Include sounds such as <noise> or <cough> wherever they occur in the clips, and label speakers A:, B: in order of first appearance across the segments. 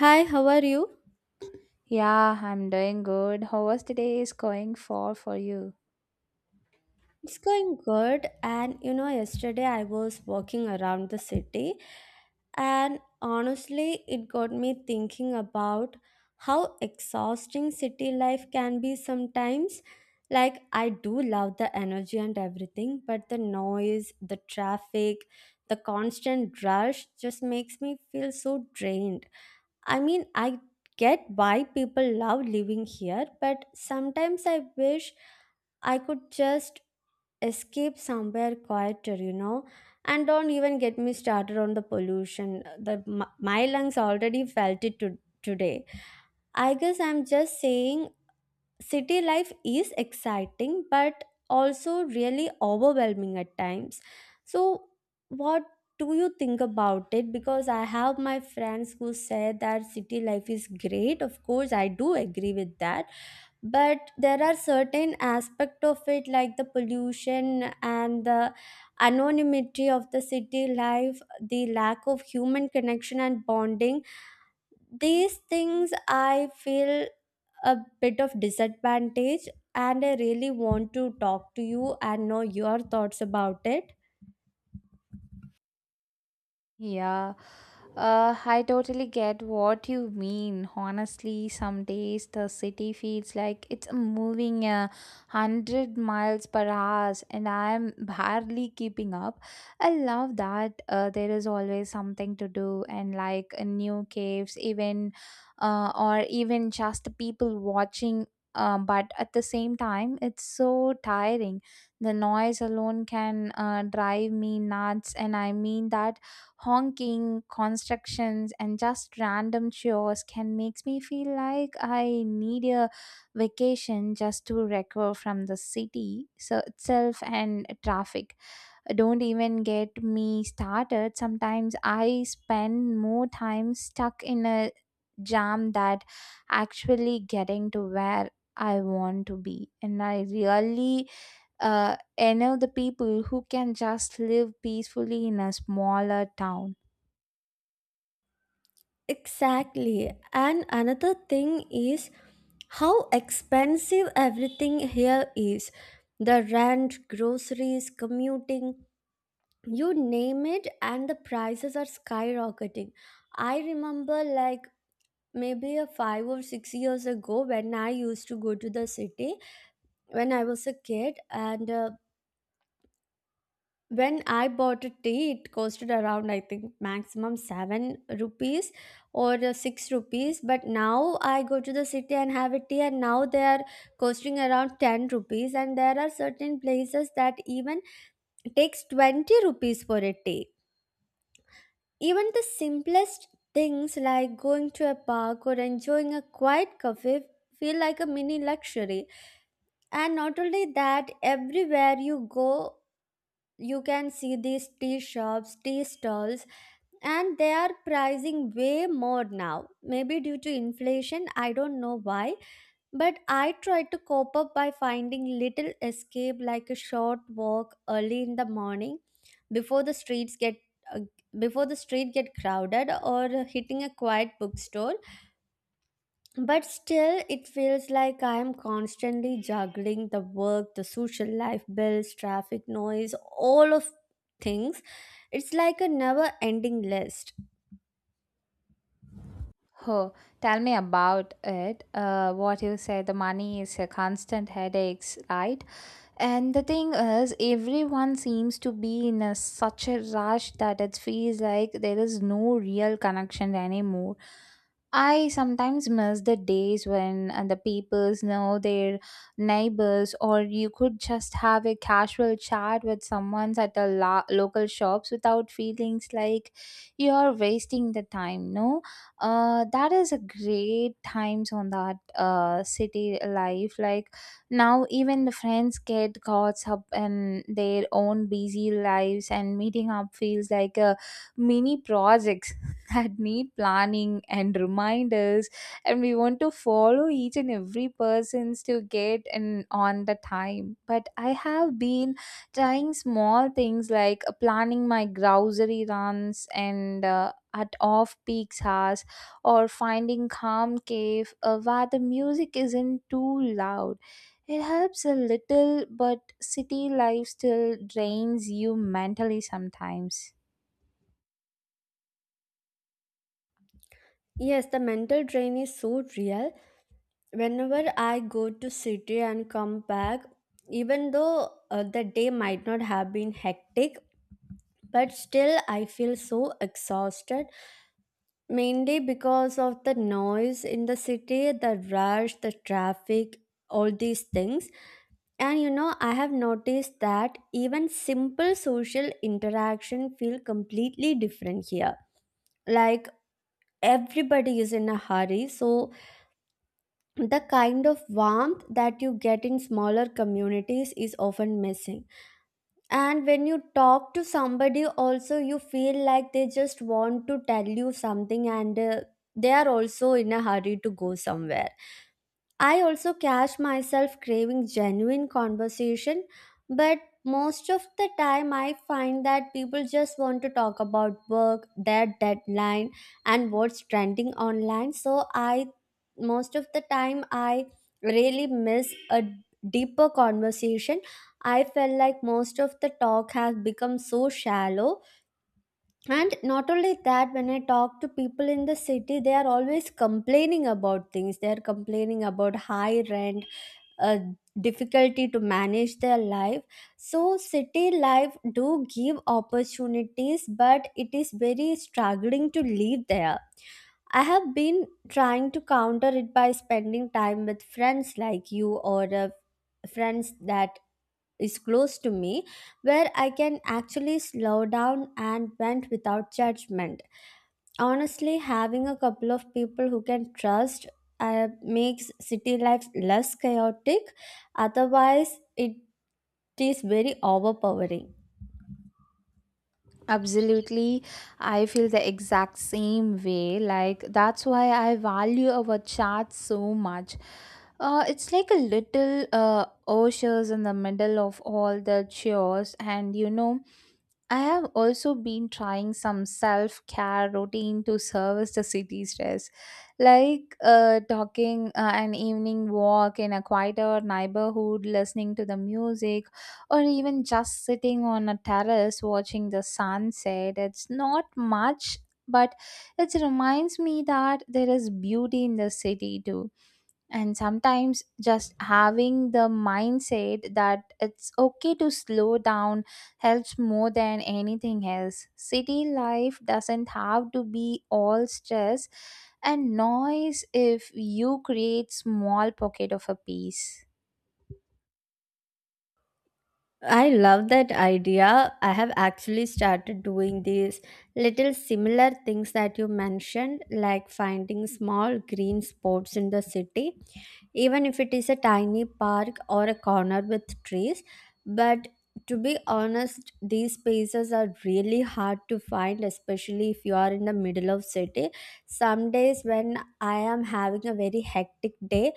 A: Hi, how are you?
B: Yeah, I'm doing good. How was today's going for you?
A: It's going good. And you know, yesterday I was walking around the city, and honestly, it got me thinking about how exhausting city life can be sometimes. Like, I do love the energy and everything, but the noise, the traffic, the constant rush just makes me feel so drained. I mean, I get why people love living here, but sometimes I wish I could just escape somewhere quieter, you know. And don't even get me started on the pollution. The my lungs already felt it to, today. I guess I'm just saying city life is exciting but also really overwhelming at times. So what do you think about it? Because I have my friends who say that city life is great. Of course, I do agree with that, but there are certain aspect of it like the pollution and the anonymity of the city life, the lack of human connection and bonding. These things I feel a bit of disadvantage, and I really want to talk to you and know your thoughts about it.
B: Yeah, I totally get what you mean. Honestly, some days the city feels like it's moving 100 miles per hour, and I'm barely keeping up. I love that there is always something to do, and like new caves, even or even just people watching. But at the same time, it's so tiring. The noise alone can drive me nuts, and I mean that honking, constructions, and just random chores can makes me feel like I need a vacation just to recover from the city so itself and traffic. Don't even get me started. Sometimes I spend more time stuck in a jam that actually getting to where I want to be, and I really envy the people who can just live peacefully in a smaller town.
A: Exactly. And another thing is how expensive everything here is: the rent, groceries, commuting, you name it, and the prices are skyrocketing. I remember, like, maybe a 5 or 6 years ago when I used to go to the city when I was a kid, and when I bought a tea, it costed around, I think, maximum 7 rupees or 6 rupees. But now I go to the city and have a tea and now they are costing around 10 rupees, and there are certain places that even takes 20 rupees for a tea. Even the simplest things like going to a park or enjoying a quiet cafe feel like a mini luxury. And not only that, everywhere you go, you can see these tea shops, tea stalls, and they are pricing way more now. Maybe due to inflation, I don't know why. But I tried to cope up by finding little escape like a short walk early in the morning before the streets get uh, before the street get crowded, or hitting a quiet bookstore. But still it feels like I am constantly juggling the work, the social life, bills, traffic, noise, all of things. It's like a never ending list.
B: Oh, tell me about it. What you said the money is a constant headaches, right? And the thing is, everyone seems to be such a rush that it feels like there is no real connection anymore. I sometimes miss the days when the peoples know their neighbors, or you could just have a casual chat with someone at the local shops without feelings like you are wasting the time. No, that is a great times on that city life. Like now, even the friends get caught up in their own busy lives, and meeting up feels like a mini project <laughs> that need planning and reminders, and we want to follow each and every persons to get in on the time. But I have been trying small things like planning my grocery runs, and at off peak hours, or finding calm cave where the music isn't too loud. It helps a little, but city life still drains you mentally sometimes.
A: Yes, the mental drain is so real. Whenever I go to city and come back, even though the day might not have been hectic, but still I feel so exhausted, mainly because of the noise in the city, the rush, the traffic, all these things. And you know, I have noticed that even simple social interaction feel completely different here. Like, everybody is in a hurry, so the kind of warmth that you get in smaller communities is often missing. And when you talk to somebody also, you feel like they just want to tell you something, and they are also in a hurry to go somewhere. I also catch myself craving genuine conversation, but most of the time I find that people just want to talk about work, their deadline, and what's trending online. So I, most of the time I really miss a deeper conversation. I felt like most of the talk has become so shallow. And not only that, when I talk to people in the city, they are always complaining about things. They are complaining about high rent, uh, difficulty to manage their life. So city life do give opportunities, but it is very struggling to live there. I have been trying to counter it by spending time with friends like you, or friends that is close to me, where I can actually slow down and vent without judgment. Honestly, having a couple of people who can trust makes city life less chaotic. Otherwise it is very overpowering.
B: Absolutely. I feel the exact same way. Like, that's why I value our chat so much. It's like a little oasis in the middle of all the chores, and I have also been trying some self care routine to service the city stress, like talking an evening walk in a quieter neighborhood, listening to the music, or even just sitting on a terrace watching the sunset. It's not much, but it reminds me that there is beauty in the city too. And sometimes just having the mindset that it's okay to slow down helps more than anything else. City life doesn't have to be all stress and noise if you create small pocket of a peace.
A: I love that idea. I have actually started doing these little similar things that you mentioned, like finding small green spots in the city, even if it is a tiny park or a corner with trees. But to be honest, these spaces are really hard to find, especially if you are in the middle of city. Some days when I am having a very hectic day,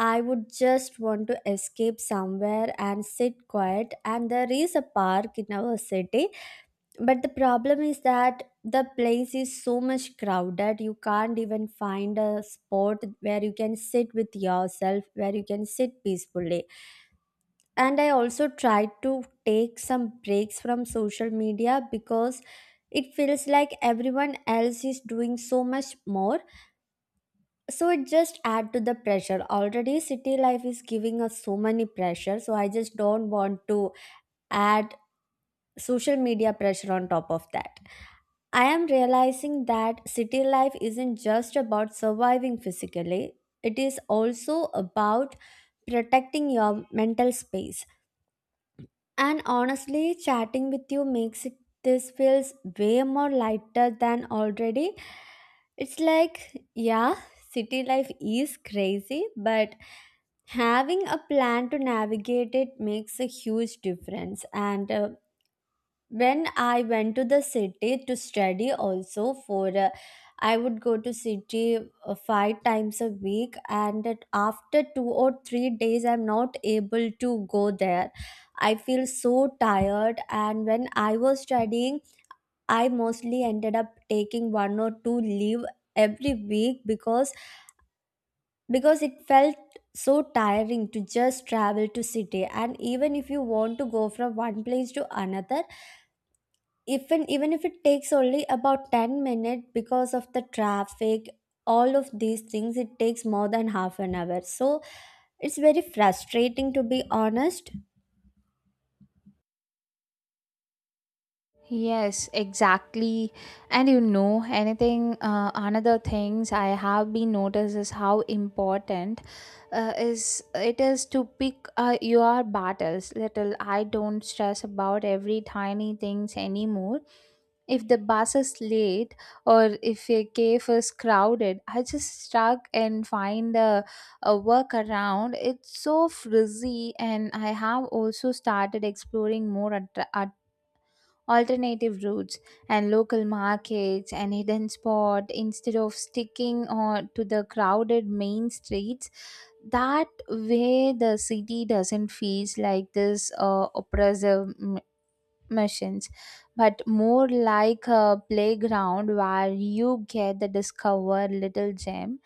A: I would just want to escape somewhere and sit quiet. And there is a park in our city, but the problem is that the place is so much crowded, you can't even find a spot where you can sit with yourself, where you can sit peacefully. And I also tried to take some breaks from social media because it feels like everyone else is doing so much more. So it just add to the pressure. Already city life is giving us so many pressure. So I just don't want to add social media pressure on top of that. I am realizing that city life isn't just about surviving physically, it is also about protecting your mental space. And honestly, chatting with you makes it, this feels way more lighter than already. It's like, yeah, city life is crazy, but having a plan to navigate it makes a huge difference. And when I went to the city to study also, for I would go to city five times a week, and that after 2 or 3 days I'm not able to go there, I feel so tired. And when I was studying, I mostly ended up taking one or two leave every week, because it felt so tiring to just travel to city. And even if you want to go from one place to another, even if it takes only about 10 minutes, because of the traffic, all of these things, it takes more than half an hour. So it's very frustrating, to be honest.
B: Yes, exactly. And anything, another things I have been noticed is how important is it is to pick your battles. Little, I don't stress about every tiny things anymore. If the bus is late or if a cave is crowded, I just stuck and find a workaround. It's so frizzy, and I have also started exploring more at alternative routes and local markets and hidden spot instead of sticking on to the crowded main streets. That way the city doesn't feel like this oppressive missions, but more like a playground where you get the discover little gem.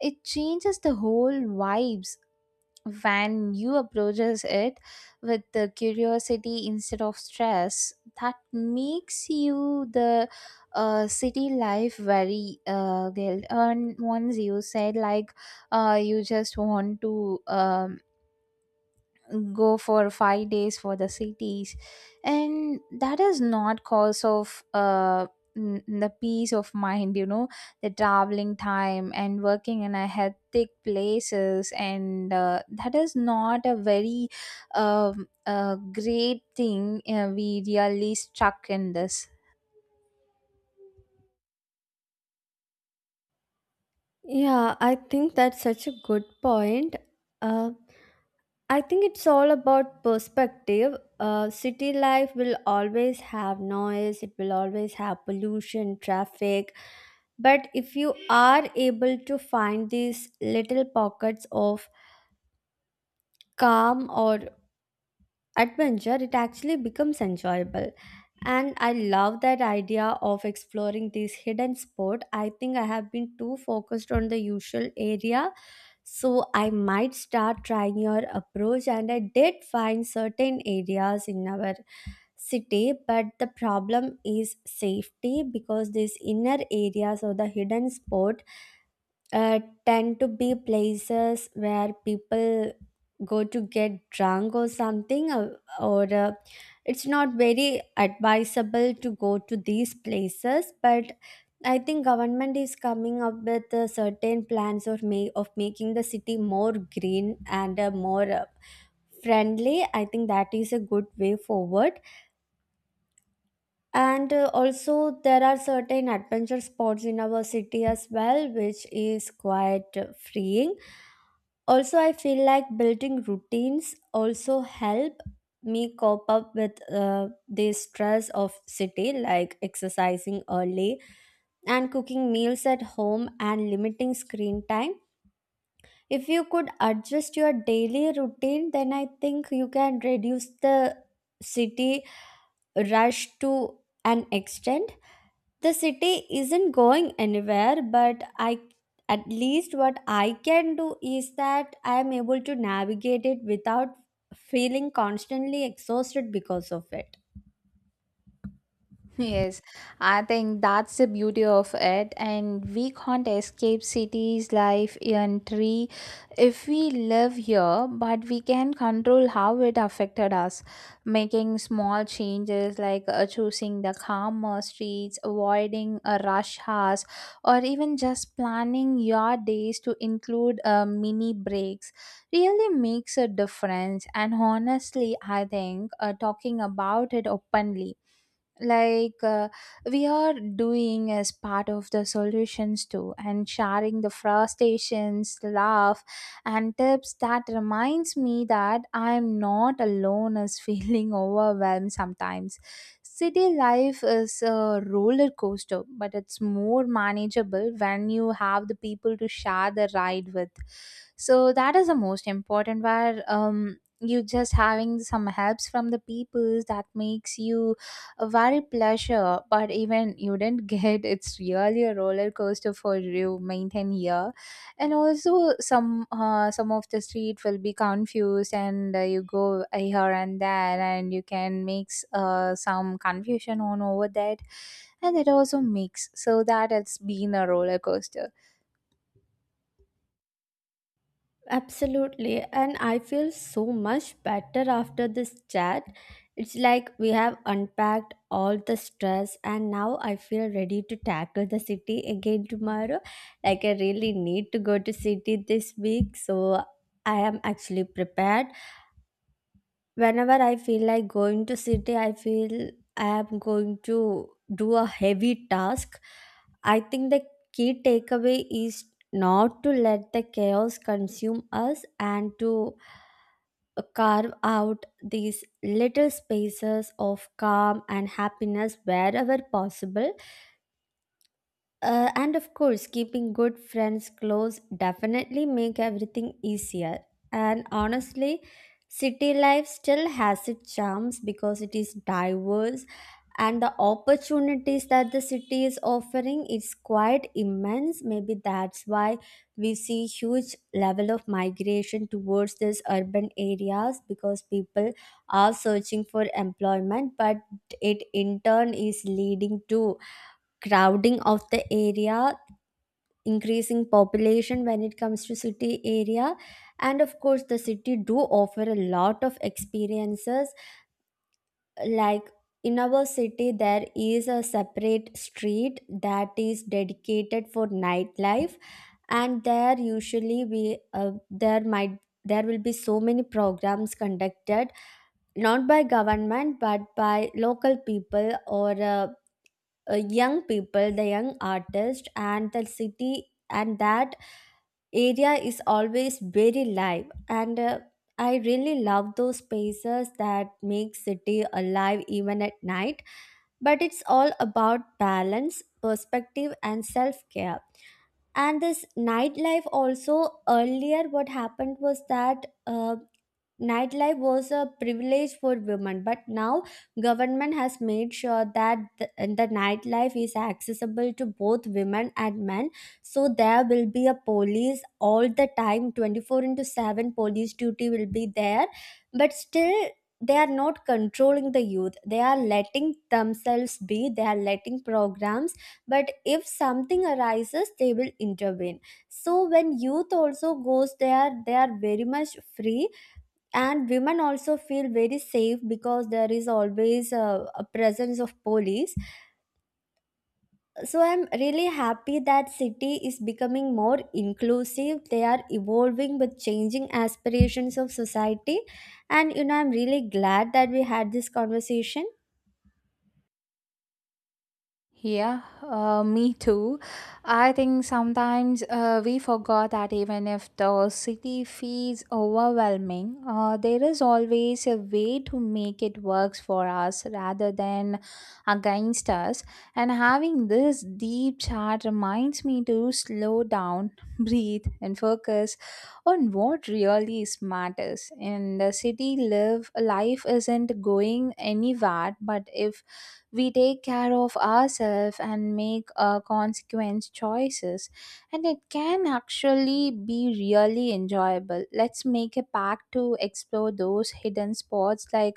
B: It changes the whole vibes when you approaches it with the curiosity instead of stress. That makes you the city life very guilt. And once you said like you just want to go for 5 days for the cities, and that is not cause of the peace of mind, the traveling time and working in a hectic places, and that is not a very great thing. We really stuck in this.
A: Yeah, I think that's such a good point. uh, I think it's all about perspective. City life will always have noise, it will always have pollution, traffic, but if you are able to find these little pockets of calm or adventure, it actually becomes enjoyable. And I love that idea of exploring this hidden sport. I think I have been too focused on the usual area, so I might start trying your approach. And I did find certain areas in our city, but the problem is safety, because this inner areas or the hidden sport uh, tend to be places where people go to get drunk or something, or it's not very advisable to go to these places. But I think government is coming up with certain plans or may of making the city more green and more friendly. I think that is a good way forward. And also, there are certain adventure spots in our city as well, which is quite freeing. Also, I feel like building routines also help me cope up with the stress of city, like exercising early, and cooking meals at home, and limiting screen time. If you could adjust your daily routine, then I think you can reduce the city rush to an extent. The city isn't going anywhere, but I, at least what I can do is that I am able to navigate it without feeling constantly exhausted because of it.
B: Yes, I think that's the beauty of it, and we can't escape cities' life entry if we live here, but we can control how it affected us. Making small changes like choosing the calmer streets, avoiding a rush hours, or even just planning your days to include mini breaks really makes a difference. And honestly, I think talking about it openly, like we are doing, as part of the solutions too, and sharing the frustrations laugh and tips that reminds me that I'm not alone as feeling <laughs> overwhelmed sometimes. City life is a roller coaster, but it's more manageable when you have the people to share the ride with. So that is the most important, where you just having some helps from the people that makes you a very pleasure. But even you didn't <laughs> get it's really a roller coaster for you maintain here, and also some some of the street will be confused, and you go here and there, and you can mix some confusion on over that, and it also mix so that it's been a roller coaster.
A: Absolutely. And I feel so much better after this chat. It's like we have unpacked all the stress, and now I feel ready to tackle the city again tomorrow. Like, I really need to go to city this week, so I am actually prepared. Whenever I feel like going to city, I feel I am going to do a heavy task. I think the key takeaway is not to let the chaos consume us, and to carve out these little spaces of calm and happiness wherever possible. And of course, keeping good friends close definitely make everything easier. And honestly, city life still has its charms because it is diverse, and the opportunities that the city is offering is quite immense. Maybe that's why we see huge level of migration towards these urban areas because people are searching for employment, but it in turn is leading to crowding of the area, increasing population when it comes to city area. And of course the city do offer a lot of experiences, like in our city there is a separate street that is dedicated for nightlife. And there usually we there will be so many programs conducted, not by government but by local people or young people, the young artists, and the city. And that area is always very live, and I really love those spaces that make city alive even at night. But it's all about balance, perspective and self-care. And this nightlife also, earlier what happened was that nightlife was a privilege for women, but now government has made sure that the nightlife is accessible to both women and men. So there will be a police all the time, 24 into 7 police duty will be there. But still, they are not controlling the youth, they are letting themselves be, they are letting programs, but if something arises they will intervene. So when youth also goes there, they are very much free. And women also feel very safe because there is always a presence of police. So I'm really happy that city is becoming more inclusive, they are evolving with changing aspirations of society. And you know, I'm really glad that we had this conversation.
B: Yeah, me too. I think sometimes we forgot that even if the city feels overwhelming, there is always a way to make it works for us rather than against us. And having this deep chat reminds me to slow down, <laughs> breathe, and focus on what really is matters. In the city, live life isn't going anywhere, but if we take care of ourselves and make consequence choices, and it can actually be really enjoyable. Let's make a pact to explore those hidden spots, like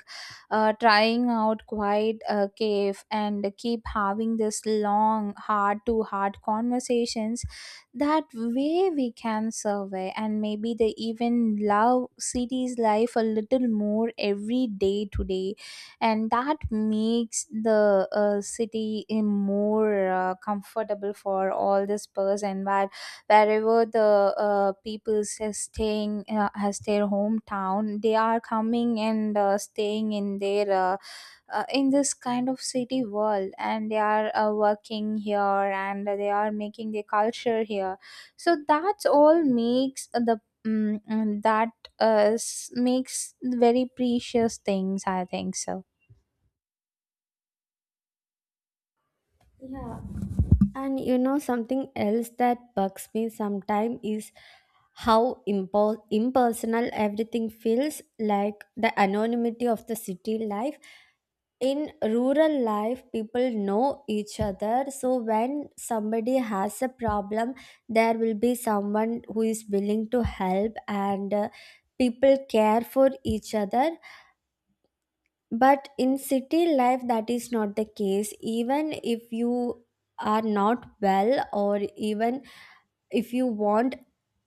B: trying out quiet cave, and keep having this long hard to hard conversations. That way we can survey, and maybe they even love city's life a little more every day today. And that makes the city in more comfortable for all this person, where wherever the people is staying as their hometown, they are coming and staying in their in this kind of city world, and they are working here, and they are making their culture here. So that's all makes the that makes very precious things, I think so.
A: Yeah. And you know something else that bugs me sometimes is how impersonal everything feels, like the anonymity of the city life. In rural life people know each other, so when somebody has a problem there will be someone who is willing to help, and people care for each other. But in city life that is not the case. Even if you are not well, or even if you want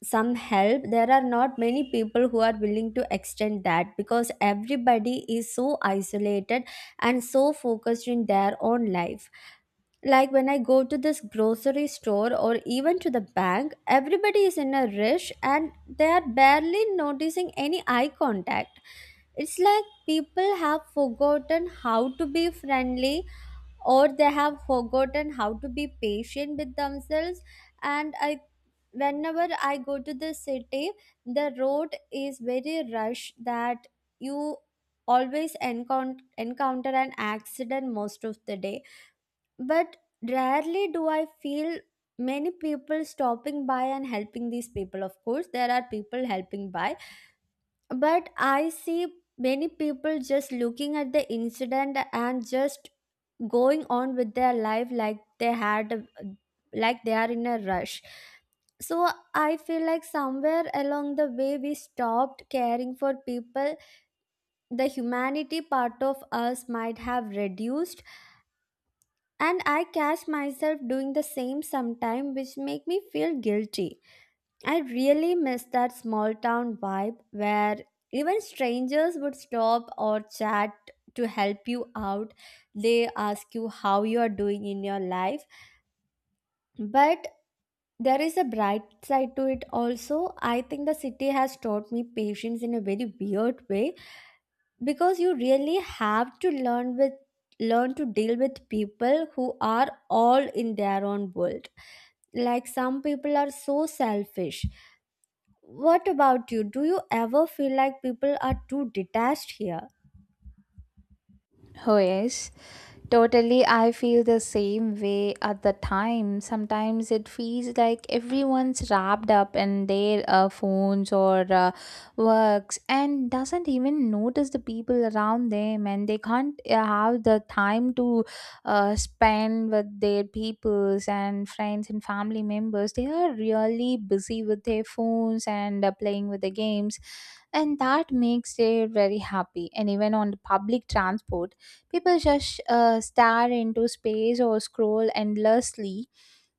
A: some help, there are not many people who are willing to extend that because everybody is so isolated and so focused in their own life. Like when I go to this grocery store or even to the bank, everybody is in a rush and they are barely noticing any eye contact. It's like people have forgotten how to be friendly, or they have forgotten how to be patient with themselves. And I, whenever I go to the city, the road is very rush, that you always encounter an accident most of the day. But rarely do I feel many people stopping by and helping these people. Of course there are people helping by, but I see many people just looking at the incident and just going on with their life, like they are in a rush. So I feel like somewhere along the way we stopped caring for people. The humanity part of us might have reduced, and I catch myself doing the same sometime, which make me feel guilty. I really miss that small town vibe where even strangers would stop or chat to help you out. They ask you how you are doing in your life. But there is a bright side to it also. I think the city has taught me patience in a very weird way, because you really have to learn to deal with people who are all in their own world, like some people are so selfish. What about you? Do you ever feel like people are too detached here?
B: Oh, yes, totally. I feel the same way at the time. Sometimes it feels like everyone's wrapped up in their phones or works, and doesn't even notice the people around them, and they can't have the time to spend with their peoples and friends and family members. They are really busy with their phones and playing with the games, and that makes it very happy. And even on the public transport people just stare into space or scroll endlessly,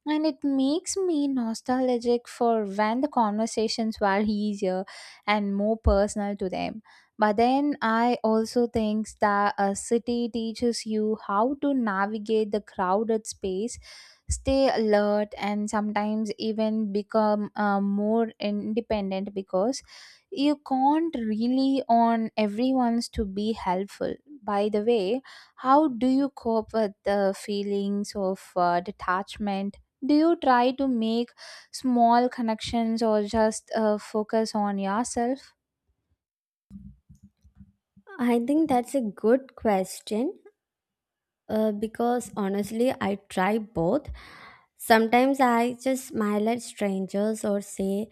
B: and it makes me nostalgic for when the conversations were easier and more personal to them. But then I also think that a city teaches you how to navigate the crowded space, stay alert, and sometimes even become more independent, because you can't really on everyone's to be helpful. By the way, how do you cope with the feelings of detachment? Do you try to make small connections, or just focus on yourself?
A: I think that's a good question, because honestly, I try both. Sometimes I just smile at strangers or say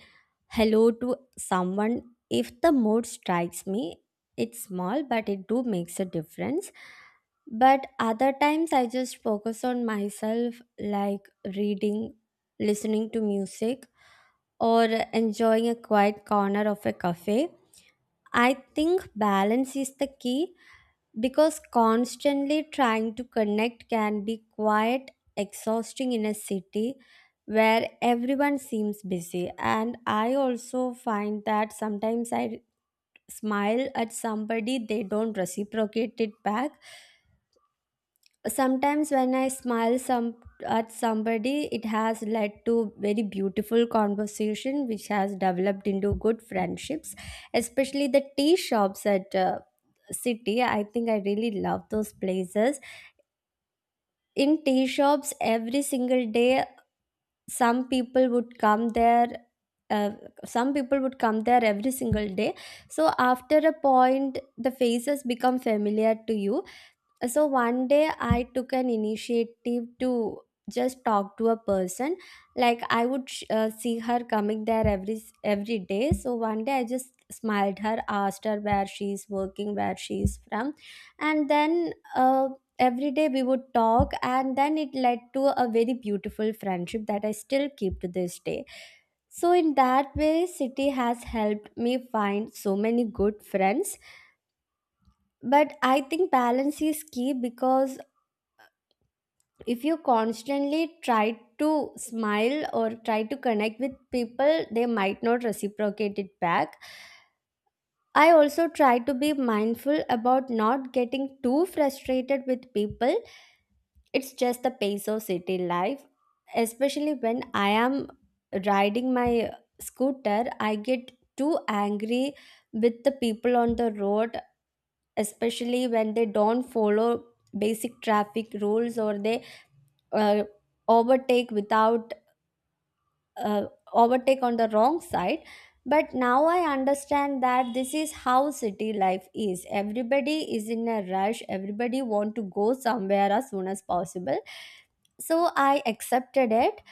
A: hello to someone if the mood strikes me. It's small but it do makes a difference. But other times I just focus on myself, like reading, listening to music, or enjoying a quiet corner of a cafe. I think balance is the key, because constantly trying to connect can be quite exhausting in a city where everyone seems busy. And I also find that sometimes I smile at somebody, they don't reciprocate it back. Sometimes when I smile some at somebody, it has led to very beautiful conversation which has developed into good friendships, especially the tea shops at city. I think I really love those places. In tea shops every single day, some people would come there uh, some people would come there every single day. So after a point the faces become familiar to you. So one day I took an initiative to just talk to a person. Like, I would see her coming there every day. So one day I just smiled her, asked her where she is working, where she is from. And then every day we would talk, and then it led to a very beautiful friendship that I still keep to this day. So in that way city has helped me find so many good friends. But I think balance is key because if you constantly try to smile or try to connect with people they might not reciprocate it back. I also try to be mindful about not getting too frustrated with people. It's just the pace of city life, especially when I am riding my scooter. I get too angry with the people on the road, especially when they don't follow basic traffic rules, or they uh, overtake without, uh, overtake on the wrong side. But now I understand that this is how city life is, everybody is in a rush, everybody want to go somewhere as soon as possible. So I accepted it.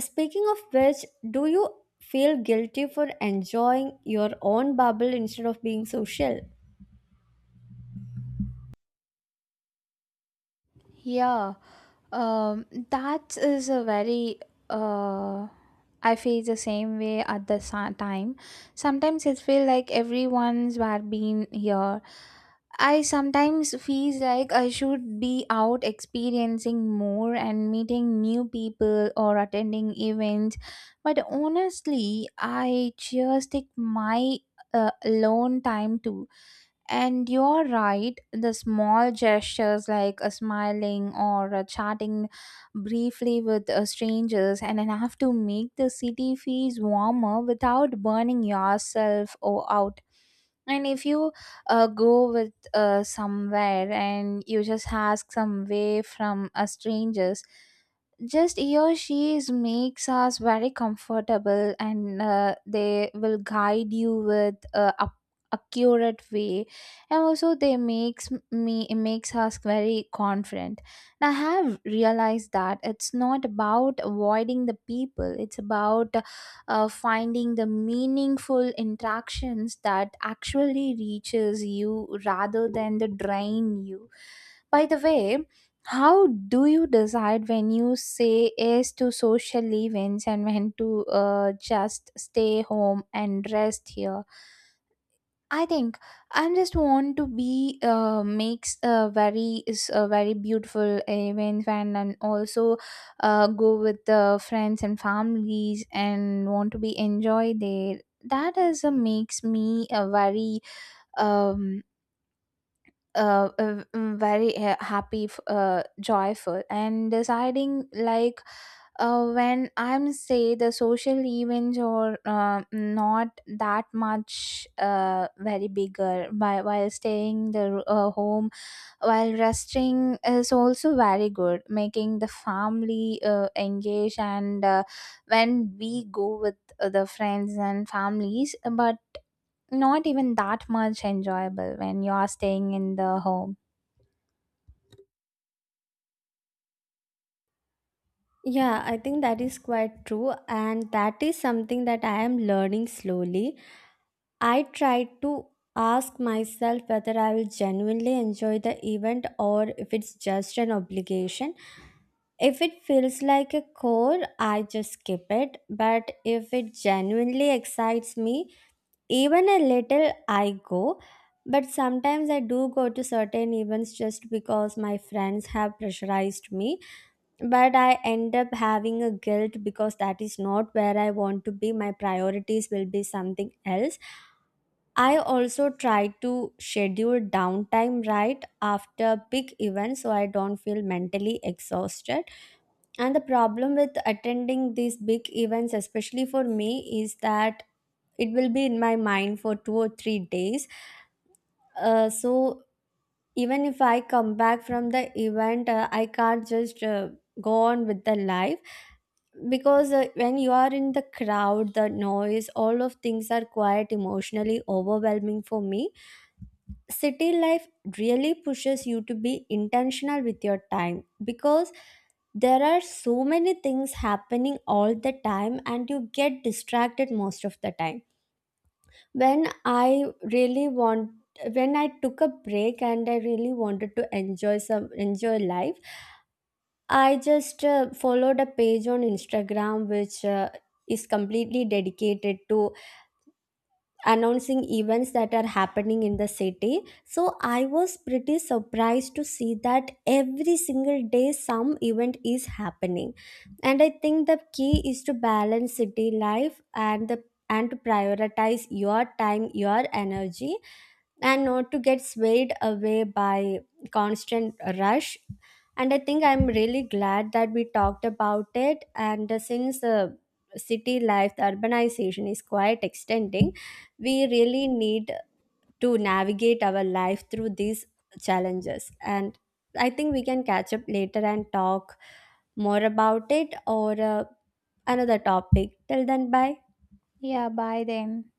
A: Speaking of which, do you feel guilty for enjoying your own bubble instead of being social?
B: Yeah, that is a very. Uh, I feel the same way at the time. Sometimes it feels like everyone's were being here, I sometimes feel like I should be out experiencing more and meeting new people or attending events, but honestly, I just take my alone time too. And you're right, the small gestures like a smiling or a chatting briefly with strangers and enough to make the city feels warmer without burning yourself or out. And if you go with somewhere, and you just ask some way from a strangers, just he or she is makes us very comfortable, and they will guide you with accurate way. And also they makes me it makes us very confident. And I have realized that it's not about avoiding the people, it's about finding the meaningful interactions that actually reaches you rather than the drain you. By the way, how do you decide when you say yes to social events, and when to just stay home and rest here? I think I'm just want to be makes a very is a very beautiful event, and also go with the friends and families and want to be enjoy there. That is a makes me a very um very happy joyful. And deciding like when I'm say the social events are not that much very bigger by, while staying the home while resting is also very good, making the family engage. And when we go with the friends and families, but not even that much enjoyable when you are staying in the home.
A: Yeah, I think that is quite true, and that is something that I am learning slowly. I tried to ask myself whether I will genuinely enjoy the event, or if it's just an obligation. If it feels like a chore, I just skip it. But if it genuinely excites me, even a little, I go. But sometimes I do go to certain events just because my friends have pressurized me. But I end up having a guilt because that is not where I want to be. My priorities will be something else. I also try to schedule downtime right after big events so I don't feel mentally exhausted. And the problem with attending these big events, especially for me, is that it will be in my mind for 2 or 3 days. So even if I come back from the event, I can't just go on with the life, because when you are in the crowd, the noise, all of things are quite emotionally overwhelming for me. City life really pushes you to be intentional with your time because there are so many things happening all the time and you get distracted most of the time. When I really want, when I took a break and I really wanted to enjoy life, I just followed a page on Instagram which is completely dedicated to announcing events that are happening in the city. So I was pretty surprised to see that every single day some event is happening. And I think the key is to balance city life and to prioritize your time, your energy, and not to get swayed away by constant rush. And I think I'm really glad that we talked about it. And since the city life, the urbanization is quite extending, we really need to navigate our life through these challenges. And I think we can catch up later and talk more about it, or another topic. Till then, bye.
B: Yeah, bye then.